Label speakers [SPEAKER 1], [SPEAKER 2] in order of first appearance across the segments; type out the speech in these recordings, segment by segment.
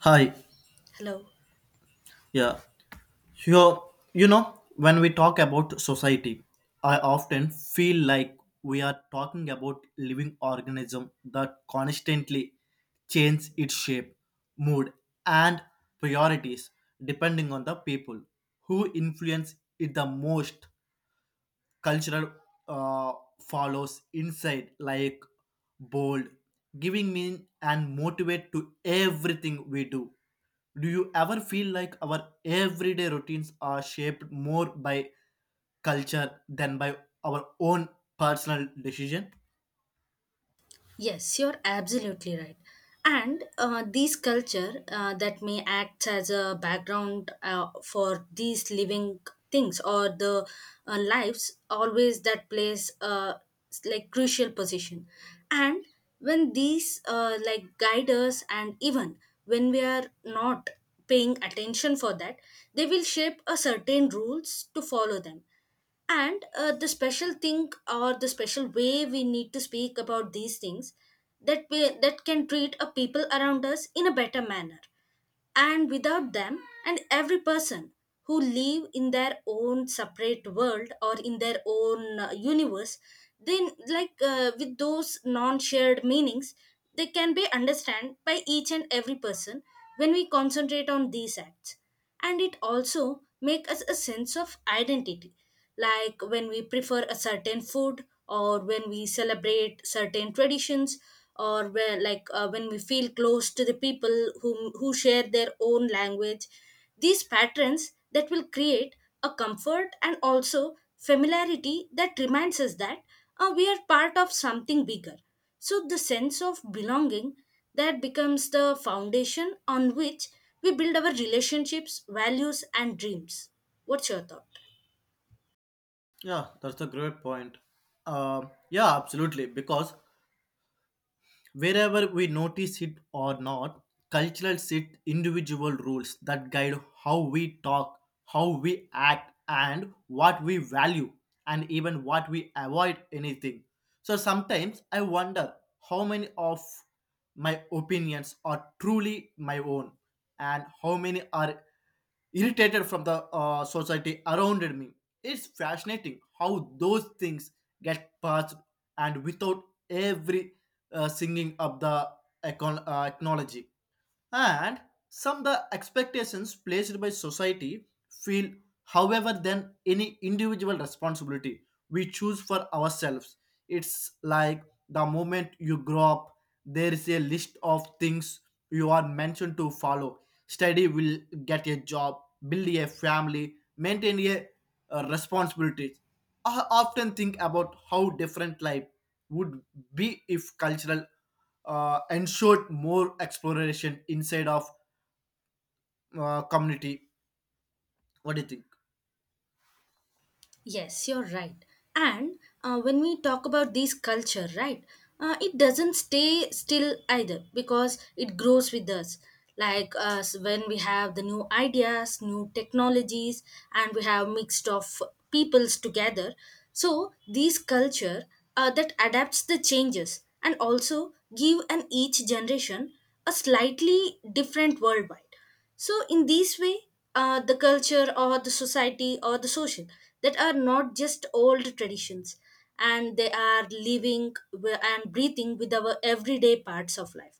[SPEAKER 1] Hi,
[SPEAKER 2] Hello.
[SPEAKER 1] yeah. You, when we talk about society, I often feel like we are talking about living organism that constantly change its shape, mood, and priorities depending on the people who influence it the most. Cultural uh, follows inside like bold giving meaning and motivate to everything we do. Do you ever feel like our everyday routines are shaped more by culture than by our own personal decision?
[SPEAKER 2] Yes, you're absolutely right. And these culture that may act as a background for these living things or the lives always that plays like crucial position. And when these like guide us and even when we are not paying attention for that, they will shape a certain rules to follow them and the special thing or the special way we need to speak about these things that can treat a people around us in a better manner and without them and every person who live in their own separate world or in their own universe then with those non-shared meanings they can be understood by each and every person when we concentrate on these acts, and it also make us a sense of identity like when we prefer a certain food or when we celebrate certain traditions or where when we feel close to the people who share their own language. These patterns that will create a comfort and also familiarity that reminds us that we are part of something bigger, so the sense of belonging that becomes the foundation on which we build our relationships values and dreams. What's your thought?
[SPEAKER 1] Yeah, that's a great point. Yeah, absolutely, because wherever we notice it or not, cultural set individual rules that guide how we talk, how we act, and what we value, and even what we avoid anything. So sometimes I wonder how many of my opinions are truly my own and how many are irritated from the society around me. It's fascinating how those things get passed and without every singing of the technology and some the expectations placed by society feel however than any individual responsibility we choose for ourselves. It's like the moment you grow up there is a list of things you are mentioned to follow, study will, get a job, build a family, maintain a responsibility. I often think about how different life would be if cultural ensured more exploration inside of community. What do you think?
[SPEAKER 2] Yes, you're right. And when we talk about this culture, right, it doesn't stay still either because it grows with us. Like us, when we have the new ideas, new technologies, and we have mixed of peoples together. So these culture that adapts the changes and also give an each generation a slightly different worldwide. So in this way the culture or the society or the social that are not just old traditions, and they are living and breathing with our everyday parts of life.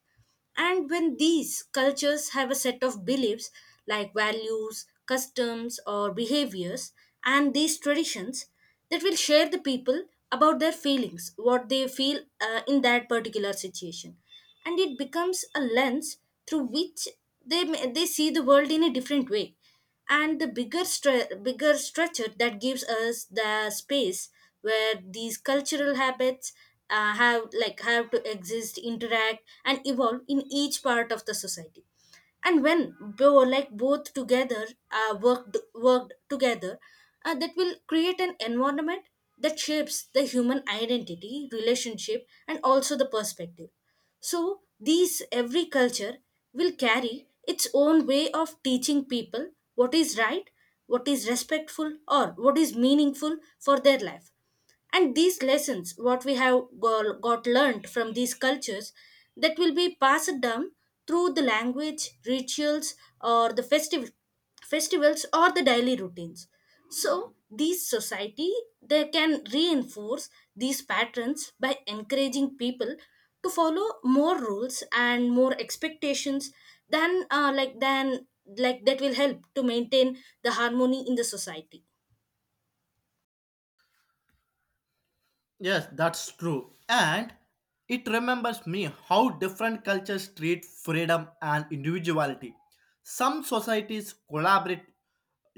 [SPEAKER 2] And when these cultures have a set of beliefs like values customs or behaviors and these traditions that will share the people about their feelings what they feel in that particular situation, and it becomes a lens through which they see the world in a different way. And the bigger structure that gives us the space where these cultural habits have to exist interact and evolve in each part of the society. And when both together uh, worked together, that will create an environment that shapes the human identity relationship and also the perspective. So, these every culture will carry its own way of teaching people what is right, what is respectful, or what is meaningful for their life. And these lessons what we have got learned from these cultures, that will be passed down through the language rituals or the festive festivals or the daily routines. So these society, they can reinforce these patterns by encouraging people to follow more rules and more expectations than that will help to maintain the harmony in the society.
[SPEAKER 1] Yes, that's true. And it remembers me how different cultures treat freedom and individuality. Some societies collaborate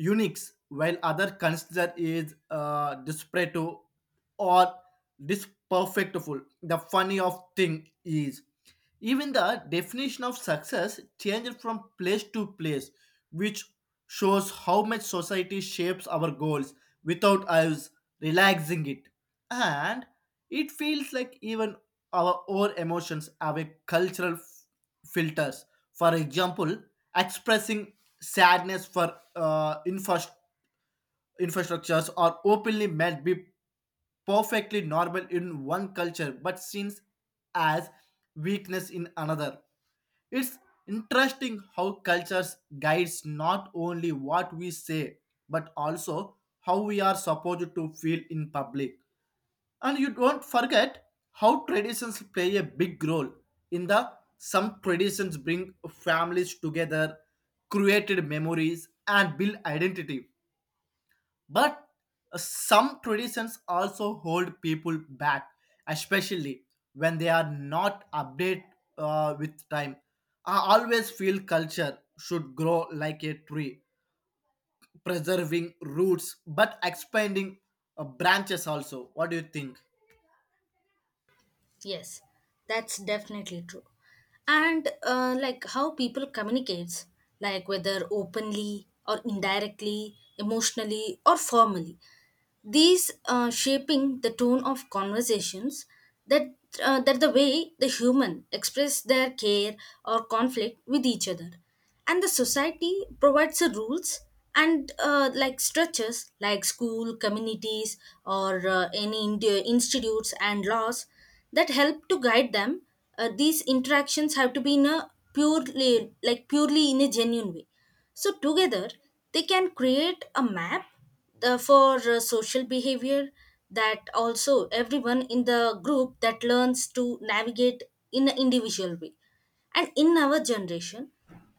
[SPEAKER 1] uniques while other consider is disparate or disperfectful. The funny of thing is even the definition of success changed from place to place, which shows how much society shapes our goals without us relaxing it. And it feels like even our own emotions have a cultural filters. For example, expressing sadness for infrastructures or openly might be perfectly normal in one culture but seen as weakness in another. It's interesting how cultures guides not only what we say but also how we are supposed to feel in public. And you don't forget how traditions play a big role in the some traditions bring families together, created memories and build identity, but some traditions also hold people back, especially when they are not updated with time. I always feel culture should grow like a tree, preserving roots but expanding branches also. What do you think?
[SPEAKER 2] Yes, that's definitely true. And like how people communicates, like whether openly or indirectly, emotionally or formally, these shaping the tone of conversations that that the way the human express their care or conflict with each other. And the society provides the rules and like structures like school communities or uh, any institutes and laws that help to guide them. These interactions have to be in a purely in a genuine way. So together they can create a map for social behavior, that also everyone in the group that learns to navigate in an individual way. And in our generation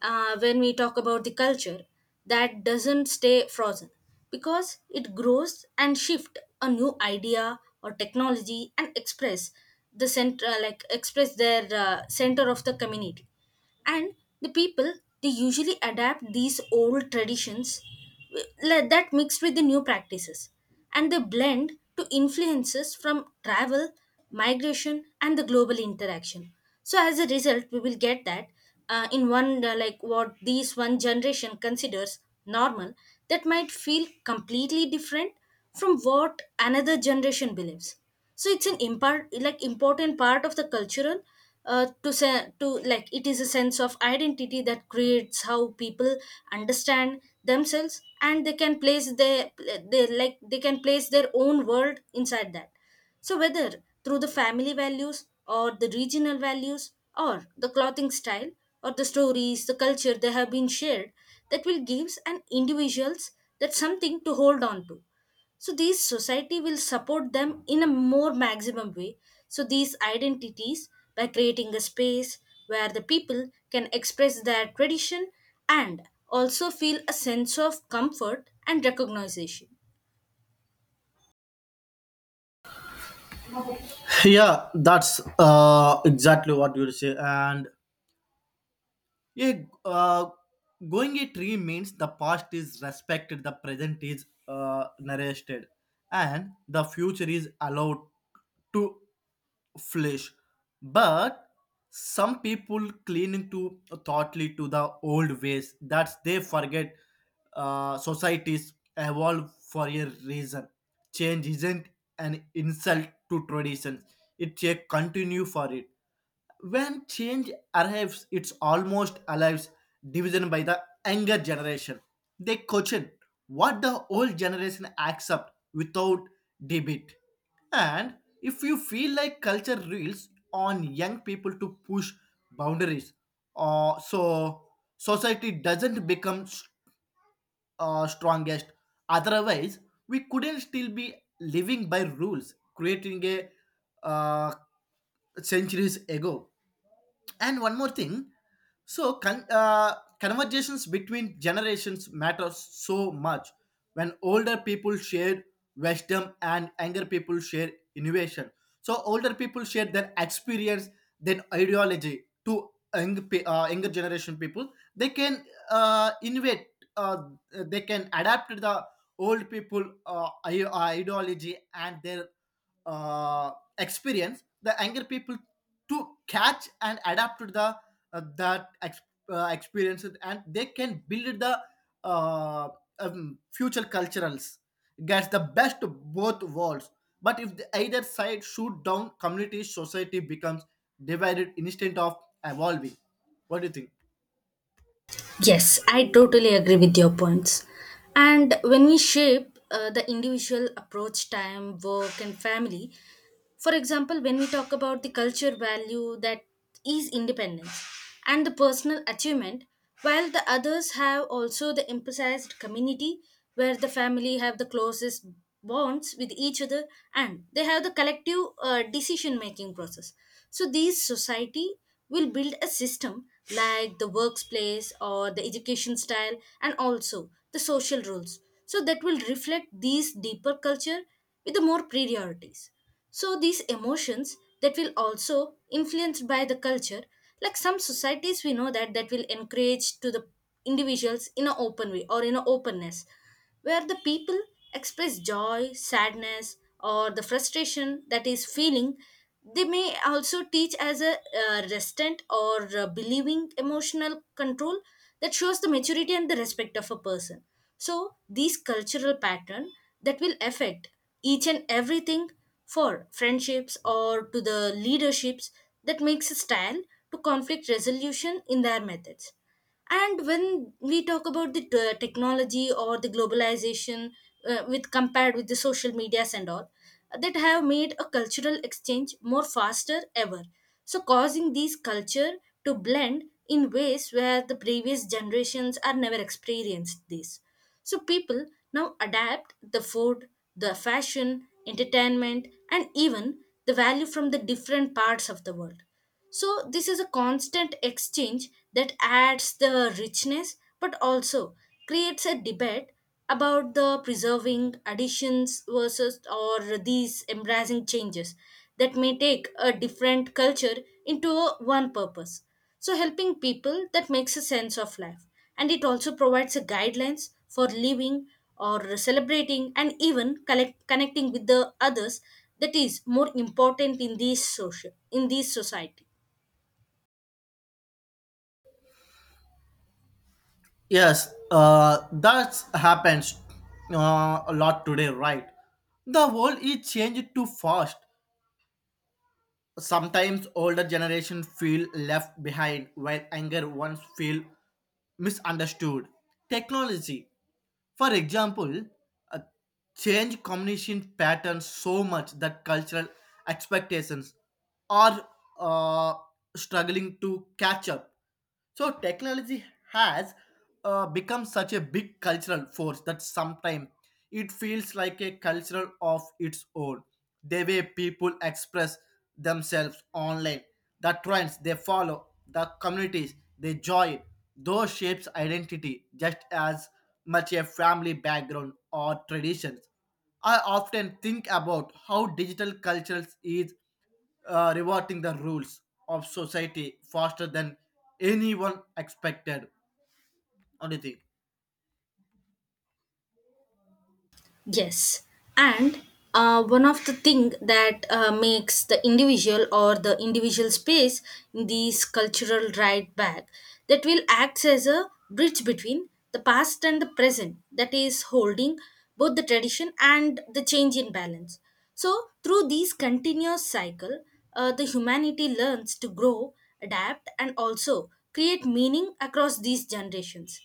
[SPEAKER 2] when we talk about the culture that doesn't stay frozen, because it grows and shift a new idea or technology and express the center like express their center of the community. And the people, they usually adapt these old traditions that mixed with the new practices, and they blend to influences from travel migration and the global interaction. So as a result we will get that in one, what these one generation considers normal, that might feel completely different from what another generation believes. So it's an impart like important part of the cultural to say to like it is a sense of identity that creates how people understand themselves, and they can place their they can place their own world inside that. So whether through the family values or the regional values or the clothing style or the stories, the culture they have been shared, that will gives an individuals that something to hold on to. So these society will support them in a more maximum way. So these identities by creating a space where the people can express their tradition, and also feel a sense of comfort and recognition.
[SPEAKER 1] Yeah, that's exactly what you say. And yeah, going it tree means the past is respected, the present is narrated, and the future is allowed to flesh. But some people cling to thoughtly to the old ways that they forget societies evolve for a reason. Change isn't an insult to traditions; it's a continue for it. When change arrives, it's almost alive division by the younger generation. They question what the old generation accept without debate. And if you feel like culture rules on young people to push boundaries, so society doesn't become strongest. Otherwise, we couldn't still be living by rules creating a uh, centuries ago. And one more thing, so conversations between generations matter so much when older people share wisdom and younger people share innovation. So older people share their experience, their ideology to younger generation people, they can innovate, uh, they can adapt to the old people ideology and their uh, experience. The younger people to catch and adapt to the uh, that ex- experience and they can build the uh, future culturals gets the best of both worlds. But if the either side shoot down community, society becomes divided instead of evolving. What do you think?
[SPEAKER 2] Yes, I totally agree with your points. And when we shape the individual approach, time, work, and family, for example when we talk about the culture value that is independence and the personal achievement, while the others have also the emphasized community where the family have the closest bonds with each other, and they have the collective decision making process. So these society will build a system like the workplace or the education style and also the social rules, so that will reflect these deeper culture with the more priorities. So these emotions that will also influenced by the culture, like some societies we know that will encourage to the individuals in an open way or in an openness, where the people express joy, sadness, or the frustration that is feeling. They may also teach as a resistant or believing emotional control that shows the maturity and the respect of a person. So these cultural pattern that will affect each and everything for friendships or to the leaderships, that makes a style to conflict resolution in their methods. And when we talk about the technology or the globalization, with compared with the social medias and all, that have made a cultural exchange more faster ever. So causing these culture to blend in ways where the previous generations are never experienced this. So people now adapt the food, the fashion, entertainment, and even the value from the different parts of the world. So, this is a constant exchange that adds the richness but also creates a debate about the preserving additions versus or these embracing changes that may take a different culture into one purpose. So helping people that makes a sense of life, and it also provides a guidelines for living or celebrating and even connecting with the others, that is more important in these social in these society.
[SPEAKER 1] Yes, that happens a lot today, right? The world is changed too fast. Sometimes older generations feel left behind while younger ones feel misunderstood. Technology, for example, uh, change communication patterns so much that cultural expectations are uh, struggling to catch up. So technology has become such a big cultural force that sometimes it feels like a cultural of its own. The way people express themselves online, the trends they follow, the communities they join, those shapes identity just as much a family background or traditions. I often think about how digital culture is reverting the rules of society faster than anyone expected. What do you think?
[SPEAKER 2] Yes, and one of the thing that makes the individual or the individual space in these cultural right back, that will acts as a bridge between the past and the present that is holding both the tradition and the change in balance. So through these continuous cycle, the humanity learns to grow, adapt, and also create meaning across these generations.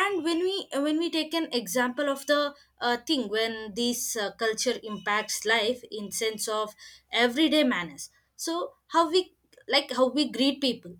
[SPEAKER 2] And when we take an example of the thing when this culture impacts life in sense of everyday manners. So how we like how we greet people,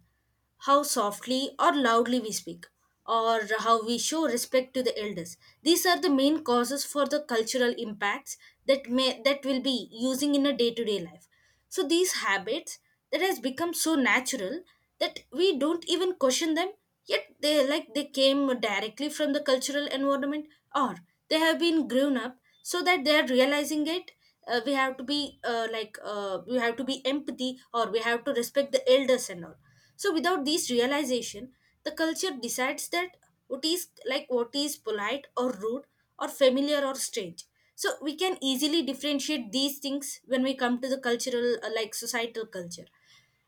[SPEAKER 2] how softly or loudly we speak, or how we show respect to the elders. These are the main causes for the cultural impacts that will be using in a day to day life. So these habits that has become so natural that we don't even question them. Yet they came directly from the cultural environment, or they have been grown up so that they are realizing it. We have to be empathy, or we have to respect the elders and all. So without this realization, the culture decides that what is like what is polite or rude or familiar or strange, so we can easily differentiate these things when we come to the cultural like societal culture.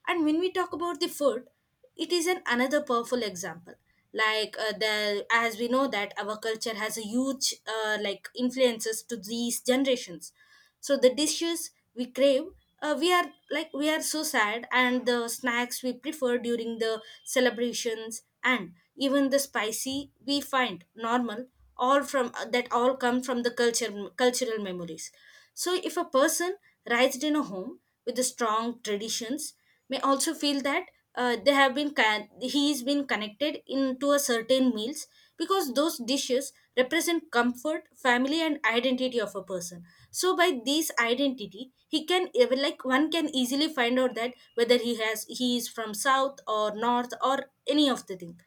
[SPEAKER 2] And when we talk about the food, it is an another powerful example. Like uh, the as we know that our culture has a huge like influences to these generations. So the dishes we crave, we are like we are so sad, and the snacks we prefer during the celebrations, and even the spicy we find normal, all from that all come from the culture, cultural memories. So if a person raised in a home with the strong traditions may also feel that they have been he is been connected into a certain meals, because those dishes represent comfort, family, and identity of a person. So by this identity he can like one can easily find out that whether he has he is from south or north or any of the thing.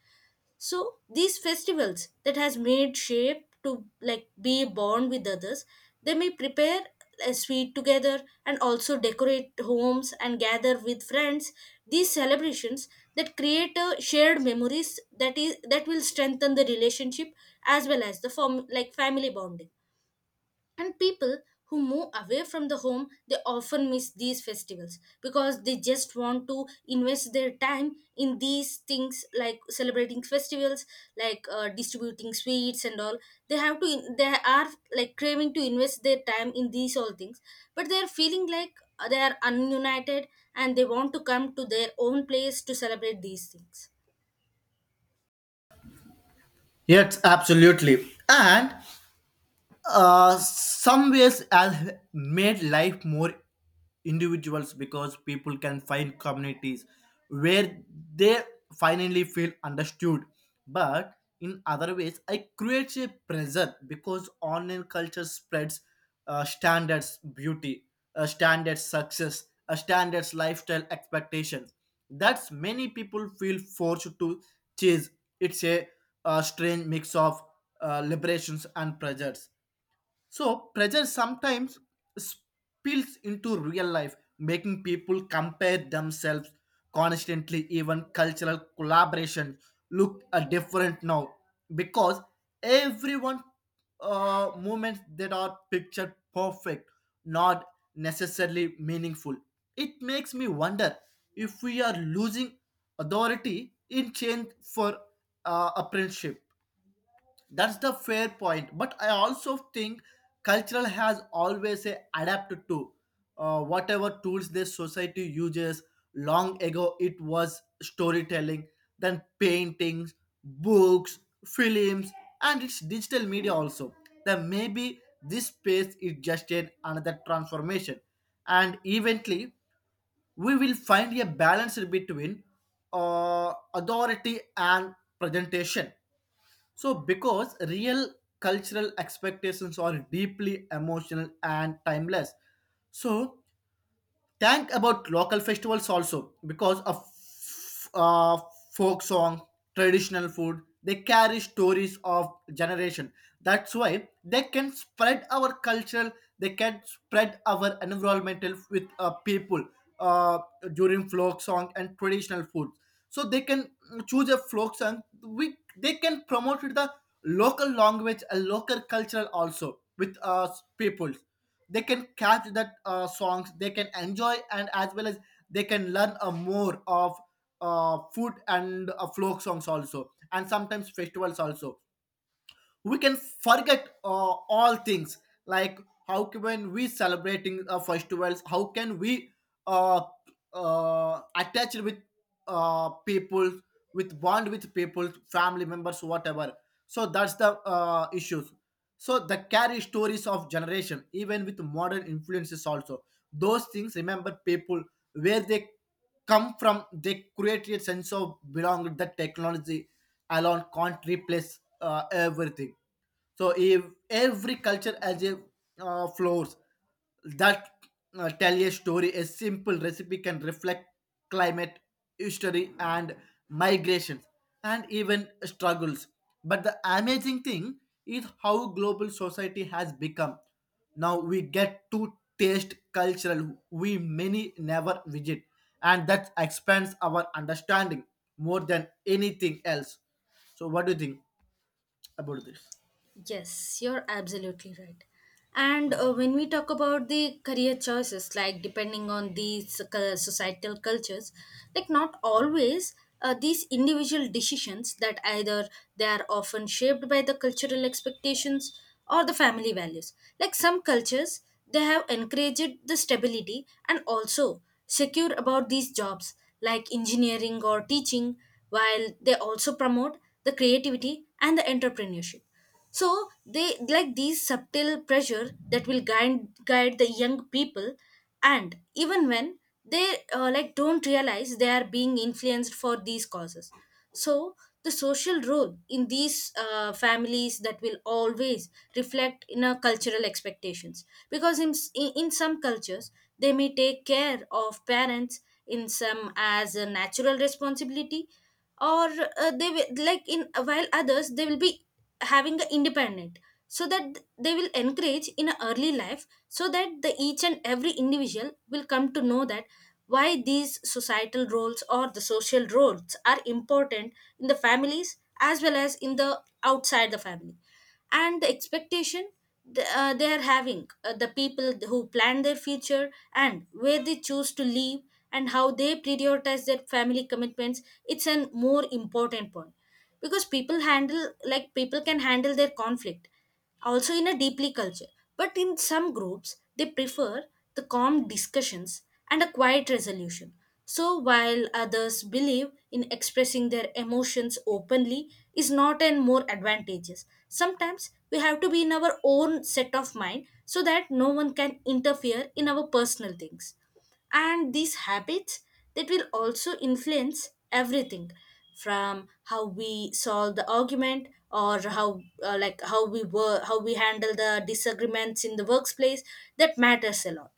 [SPEAKER 2] So these festivals that has made shape to like be born with others, they may prepare a sweet together and also decorate homes and gather with friends. These celebrations that create a shared memories, that is that will strengthen the relationship as well as the form like family bonding. And people who move away from the home, they often miss these festivals because they just want to invest their time in these things like celebrating festivals, like distributing sweets and all. They have to, they are like craving to invest their time in these all things, but they are feeling like they are ununited, and they want to come to their own place to celebrate these things.
[SPEAKER 1] Yes, absolutely. And some ways has made life more individuals because people can find communities where they finally feel understood, but in other ways I create a pressure because online culture spreads standards beauty, standards success, standards lifestyle expectations that's many people feel forced to chase. It's a, uh, strange mix of liberations and pressures. So pressure sometimes spills into real life, making people compare themselves constantly. Even cultural collaboration look different now because everyone moments that are pictured perfect, not necessarily meaningful. It makes me wonder if we are losing authority in change for apprenticeship. That's the fair point, but I also think cultural has always adapted to whatever tools the society uses. Long ago it was storytelling, then paintings, books, films, and its digital media also. Then maybe this space is just an another transformation, and eventually we will find a balance between authority and presentation. So, because real cultural expectations are deeply emotional and timeless, so think about local festivals also because of uh, folk song, traditional food, they carry stories of generation. That's why they can spread our cultural. They can spread our environmental with people uh, during folk song and traditional food. So they can choose a folk song. We they can promote the local language and local cultural also with people, they can catch that songs, they can enjoy and as well as they can learn more of food and folk songs also, and sometimes festivals also we can forget all things, like how can we celebrating festivals, how can we uh, attach with people, with bond with people, family members, whatever. So that's the issues. So the carry stories of generation even with modern influences also, those things remember people where they come from, they create a sense of belonging that technology alone can't replace everything. So if every culture has a floors that tell a story, a simple recipe can reflect climate, history, and migrations, and even struggles. But the amazing thing is how global society has become. Now we get to taste cultural we many never visit, and that expands our understanding more than anything else. So what do you think about this?
[SPEAKER 2] Yes, you're absolutely right. And when we talk about the career choices, like depending on these societal cultures, like not always these individual decisions that either they are often shaped by the cultural expectations or the family values. Like some cultures, they have encouraged the stability and also secure about these jobs like engineering or teaching, while they also promote the creativity and the entrepreneurship. So they like these subtle pressure that will guide the young people, and even when they like don't realize they are being influenced for these causes. So the social role in these families that will always reflect in our cultural expectations, because in, s- in some cultures they may take care of parents in some as a natural responsibility, or they will like in while others they will be having a independent, so that they will encourage in a early life, so that the each and every individual will come to know that why these societal roles or the social roles are important in the families as well as in the outside the family. And the expectation, they are having the people who plan their future and where they choose to live and how they prioritize their family commitments, it's a more important point, because people handle like people can handle their conflict also in a deeply culture. But in some groups they prefer the calm discussions and a quiet resolution, so while others believe in expressing their emotions openly is not and more advantageous. Sometimes we have to be in our own set of mind so that no one can interfere in our personal things. And these habits that will also influence everything from how we solve the argument, or how like how we work, how we handle the disagreements in the workplace, that matters a lot.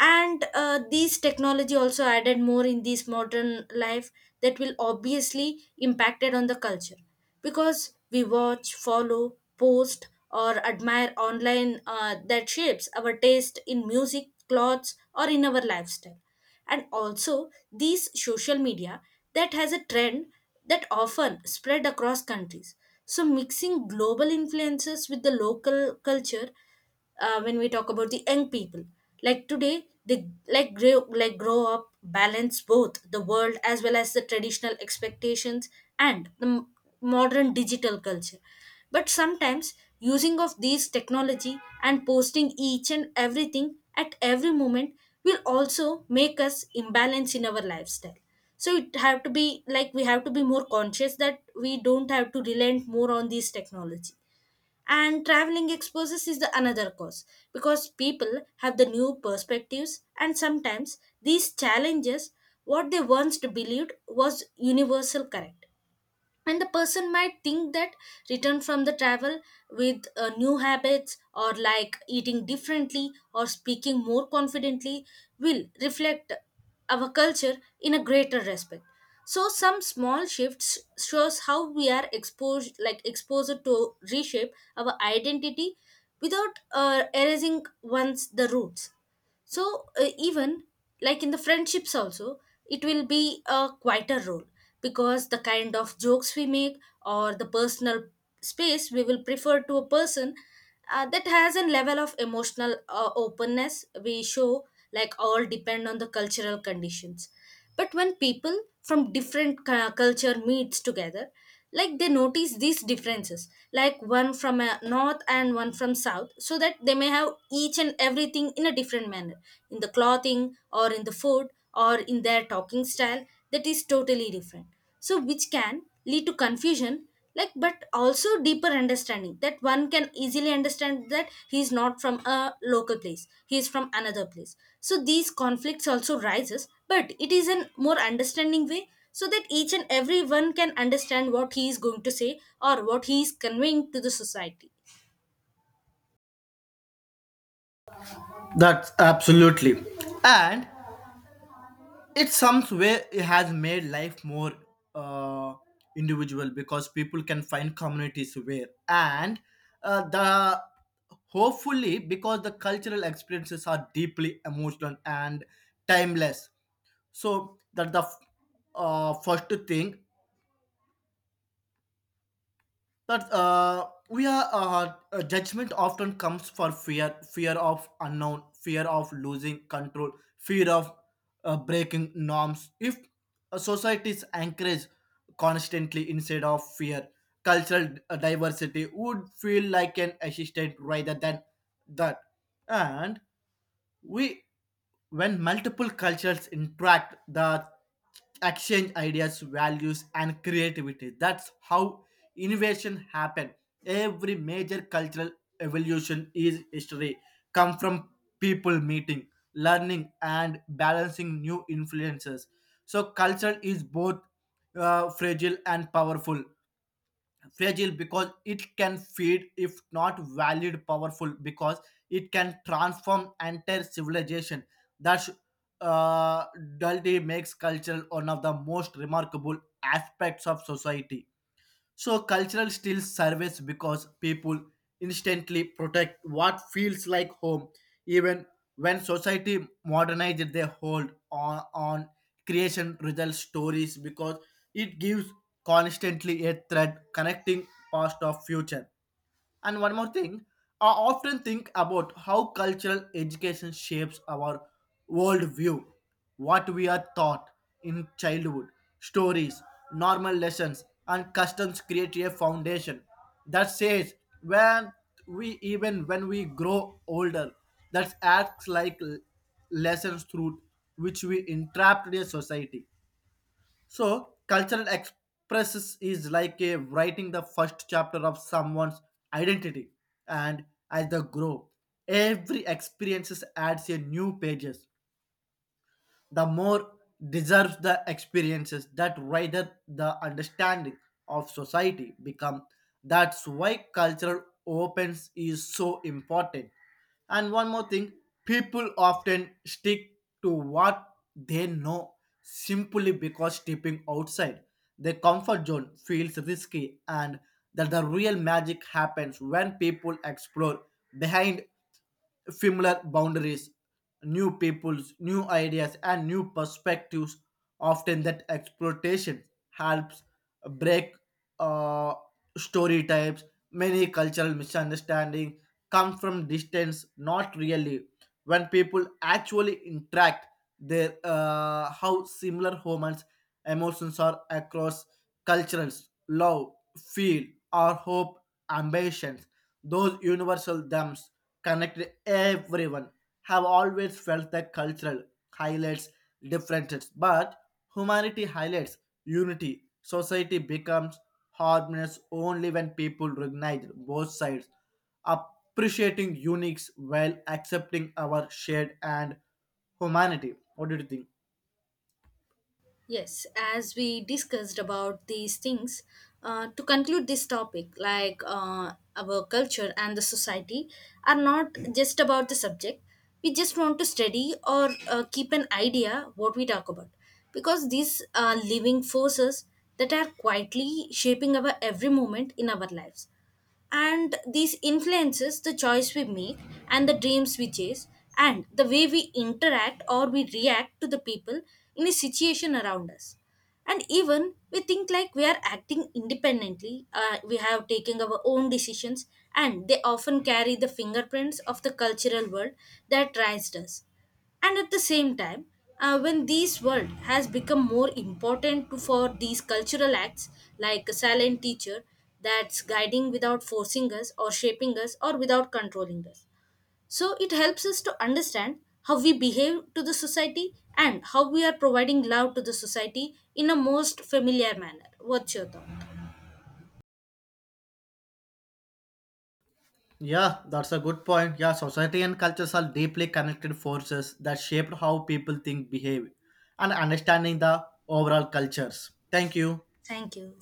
[SPEAKER 2] And these technology also added more in this modern life that will obviously impacted on the culture, because we watch, follow, post, or admire online, that shapes our taste in music, clothes, or in our lifestyle. And also these social media that has a trend that often spread across countries, so mixing global influences with the local culture. Uh, when we talk about the young people, like today they like grow up balance both the world as well as the traditional expectations and the modern digital culture. But sometimes using of these technology and posting each and everything at every moment will also make us imbalance in our lifestyle. So it have to be like we have to be more conscious that we don't have to relent more on these technology. And traveling exposes is the another cause, because people have the new perspectives and sometimes these challenges what they once believed was universal correct. And the person might think that return from the travel with new habits or like eating differently or speaking more confidently will reflect our culture in a greater respect. So some small shifts shows how we are exposed to reshape our identity without erasing once the roots. So even like in the friendships also it will be a quieter role, because the kind of jokes we make or the personal space we will prefer to a person, that has a level of emotional openness we show, like all depend on the cultural conditions. But when people from different culture meets together, like they notice these differences, like one from a north and one from south, so that they may have each and everything in a different manner, in the clothing or in the food or in their talking style, that is totally different. So which can lead to confusion, like but also deeper understanding, that one can easily understand that he's not from a local place, he is from another place. So these conflicts also rises, but it is in more understanding way, so that each and every one can understand what he is going to say or what he is conveying to the society.
[SPEAKER 1] That's absolutely. And it some way it has made life more uh, individual because people can find communities where, and the hopefully because the cultural experiences are deeply emotional and timeless. So that the first thing that we are judgment often comes for fear, fear of unknown, fear of losing control, fear of breaking norms. If a society is encouraged constantly instead of fear, cultural diversity would feel like an assistant rather than that. And We, when multiple cultures interact, the exchange ideas, values, and creativity. That's how innovation happen. Every major cultural evolution is history come from people meeting, learning, and balancing new influences. So culture is both fragile and powerful, fragile because it can feed if not valid, powerful because it can transform entire civilization. That's uh, duality makes culture one of the most remarkable aspects of society. So cultural still survives because people instantly protect what feels like home, even when society modernized their hold on creation result stories because it gives constantly a thread connecting past of future. And one more thing, I often think about how cultural education shapes our worldview, what we are taught in childhood, stories, normal lessons, and customs create a foundation that says when we even when we grow older, that acts like lessons through which we entrapped a society. So, cultural expresses is like a writing the first chapter of someone's identity, and as they grow, every experiences adds a new pages. The more deserves the experiences that rather, the understanding of society become. That's why cultural opens is so important. And one more thing, people often stick to what they know simply because stepping outside their comfort zone feels risky, and that the real magic happens when people explore behind familiar boundaries, new peoples, new ideas, and new perspectives. Often, that exploitation helps break uh, story types. Many cultural misunderstanding come from distance, not really. When people actually interact, their how similar humans emotions are across cultures, love, feel, or hope, ambitions. Those universal themes connect everyone. Have always felt that cultural highlights differences but humanity highlights unity. Society becomes harmonious only when people recognize both sides, appreciating uniques while accepting our shared and humanity. What do you think?
[SPEAKER 2] Yes, as we discussed about these things, to conclude this topic, like our culture and the society are not just about the subject. We just want to study or keep an idea what we talk about, because these are living forces that are quietly shaping our every moment in our lives. And these influences the choice we make and the dreams we chase and the way we interact or we react to the people in a situation around us. And even we think like we are acting independently, we have taken our own decisions, and they often carry the fingerprints of the cultural world that raised us. And at the same time, when this world has become more important to, for these cultural acts, like a silent teacher that's guiding without forcing us or shaping us or without controlling us. So it helps us to understand how we behave to the society and how we are providing love to the society in a most familiar manner. What's your thought?
[SPEAKER 1] Yeah, that's a good point. Yeah, society and cultures are deeply connected forces that shape how people think, behave, and understanding the overall cultures. Thank you.
[SPEAKER 2] Thank you.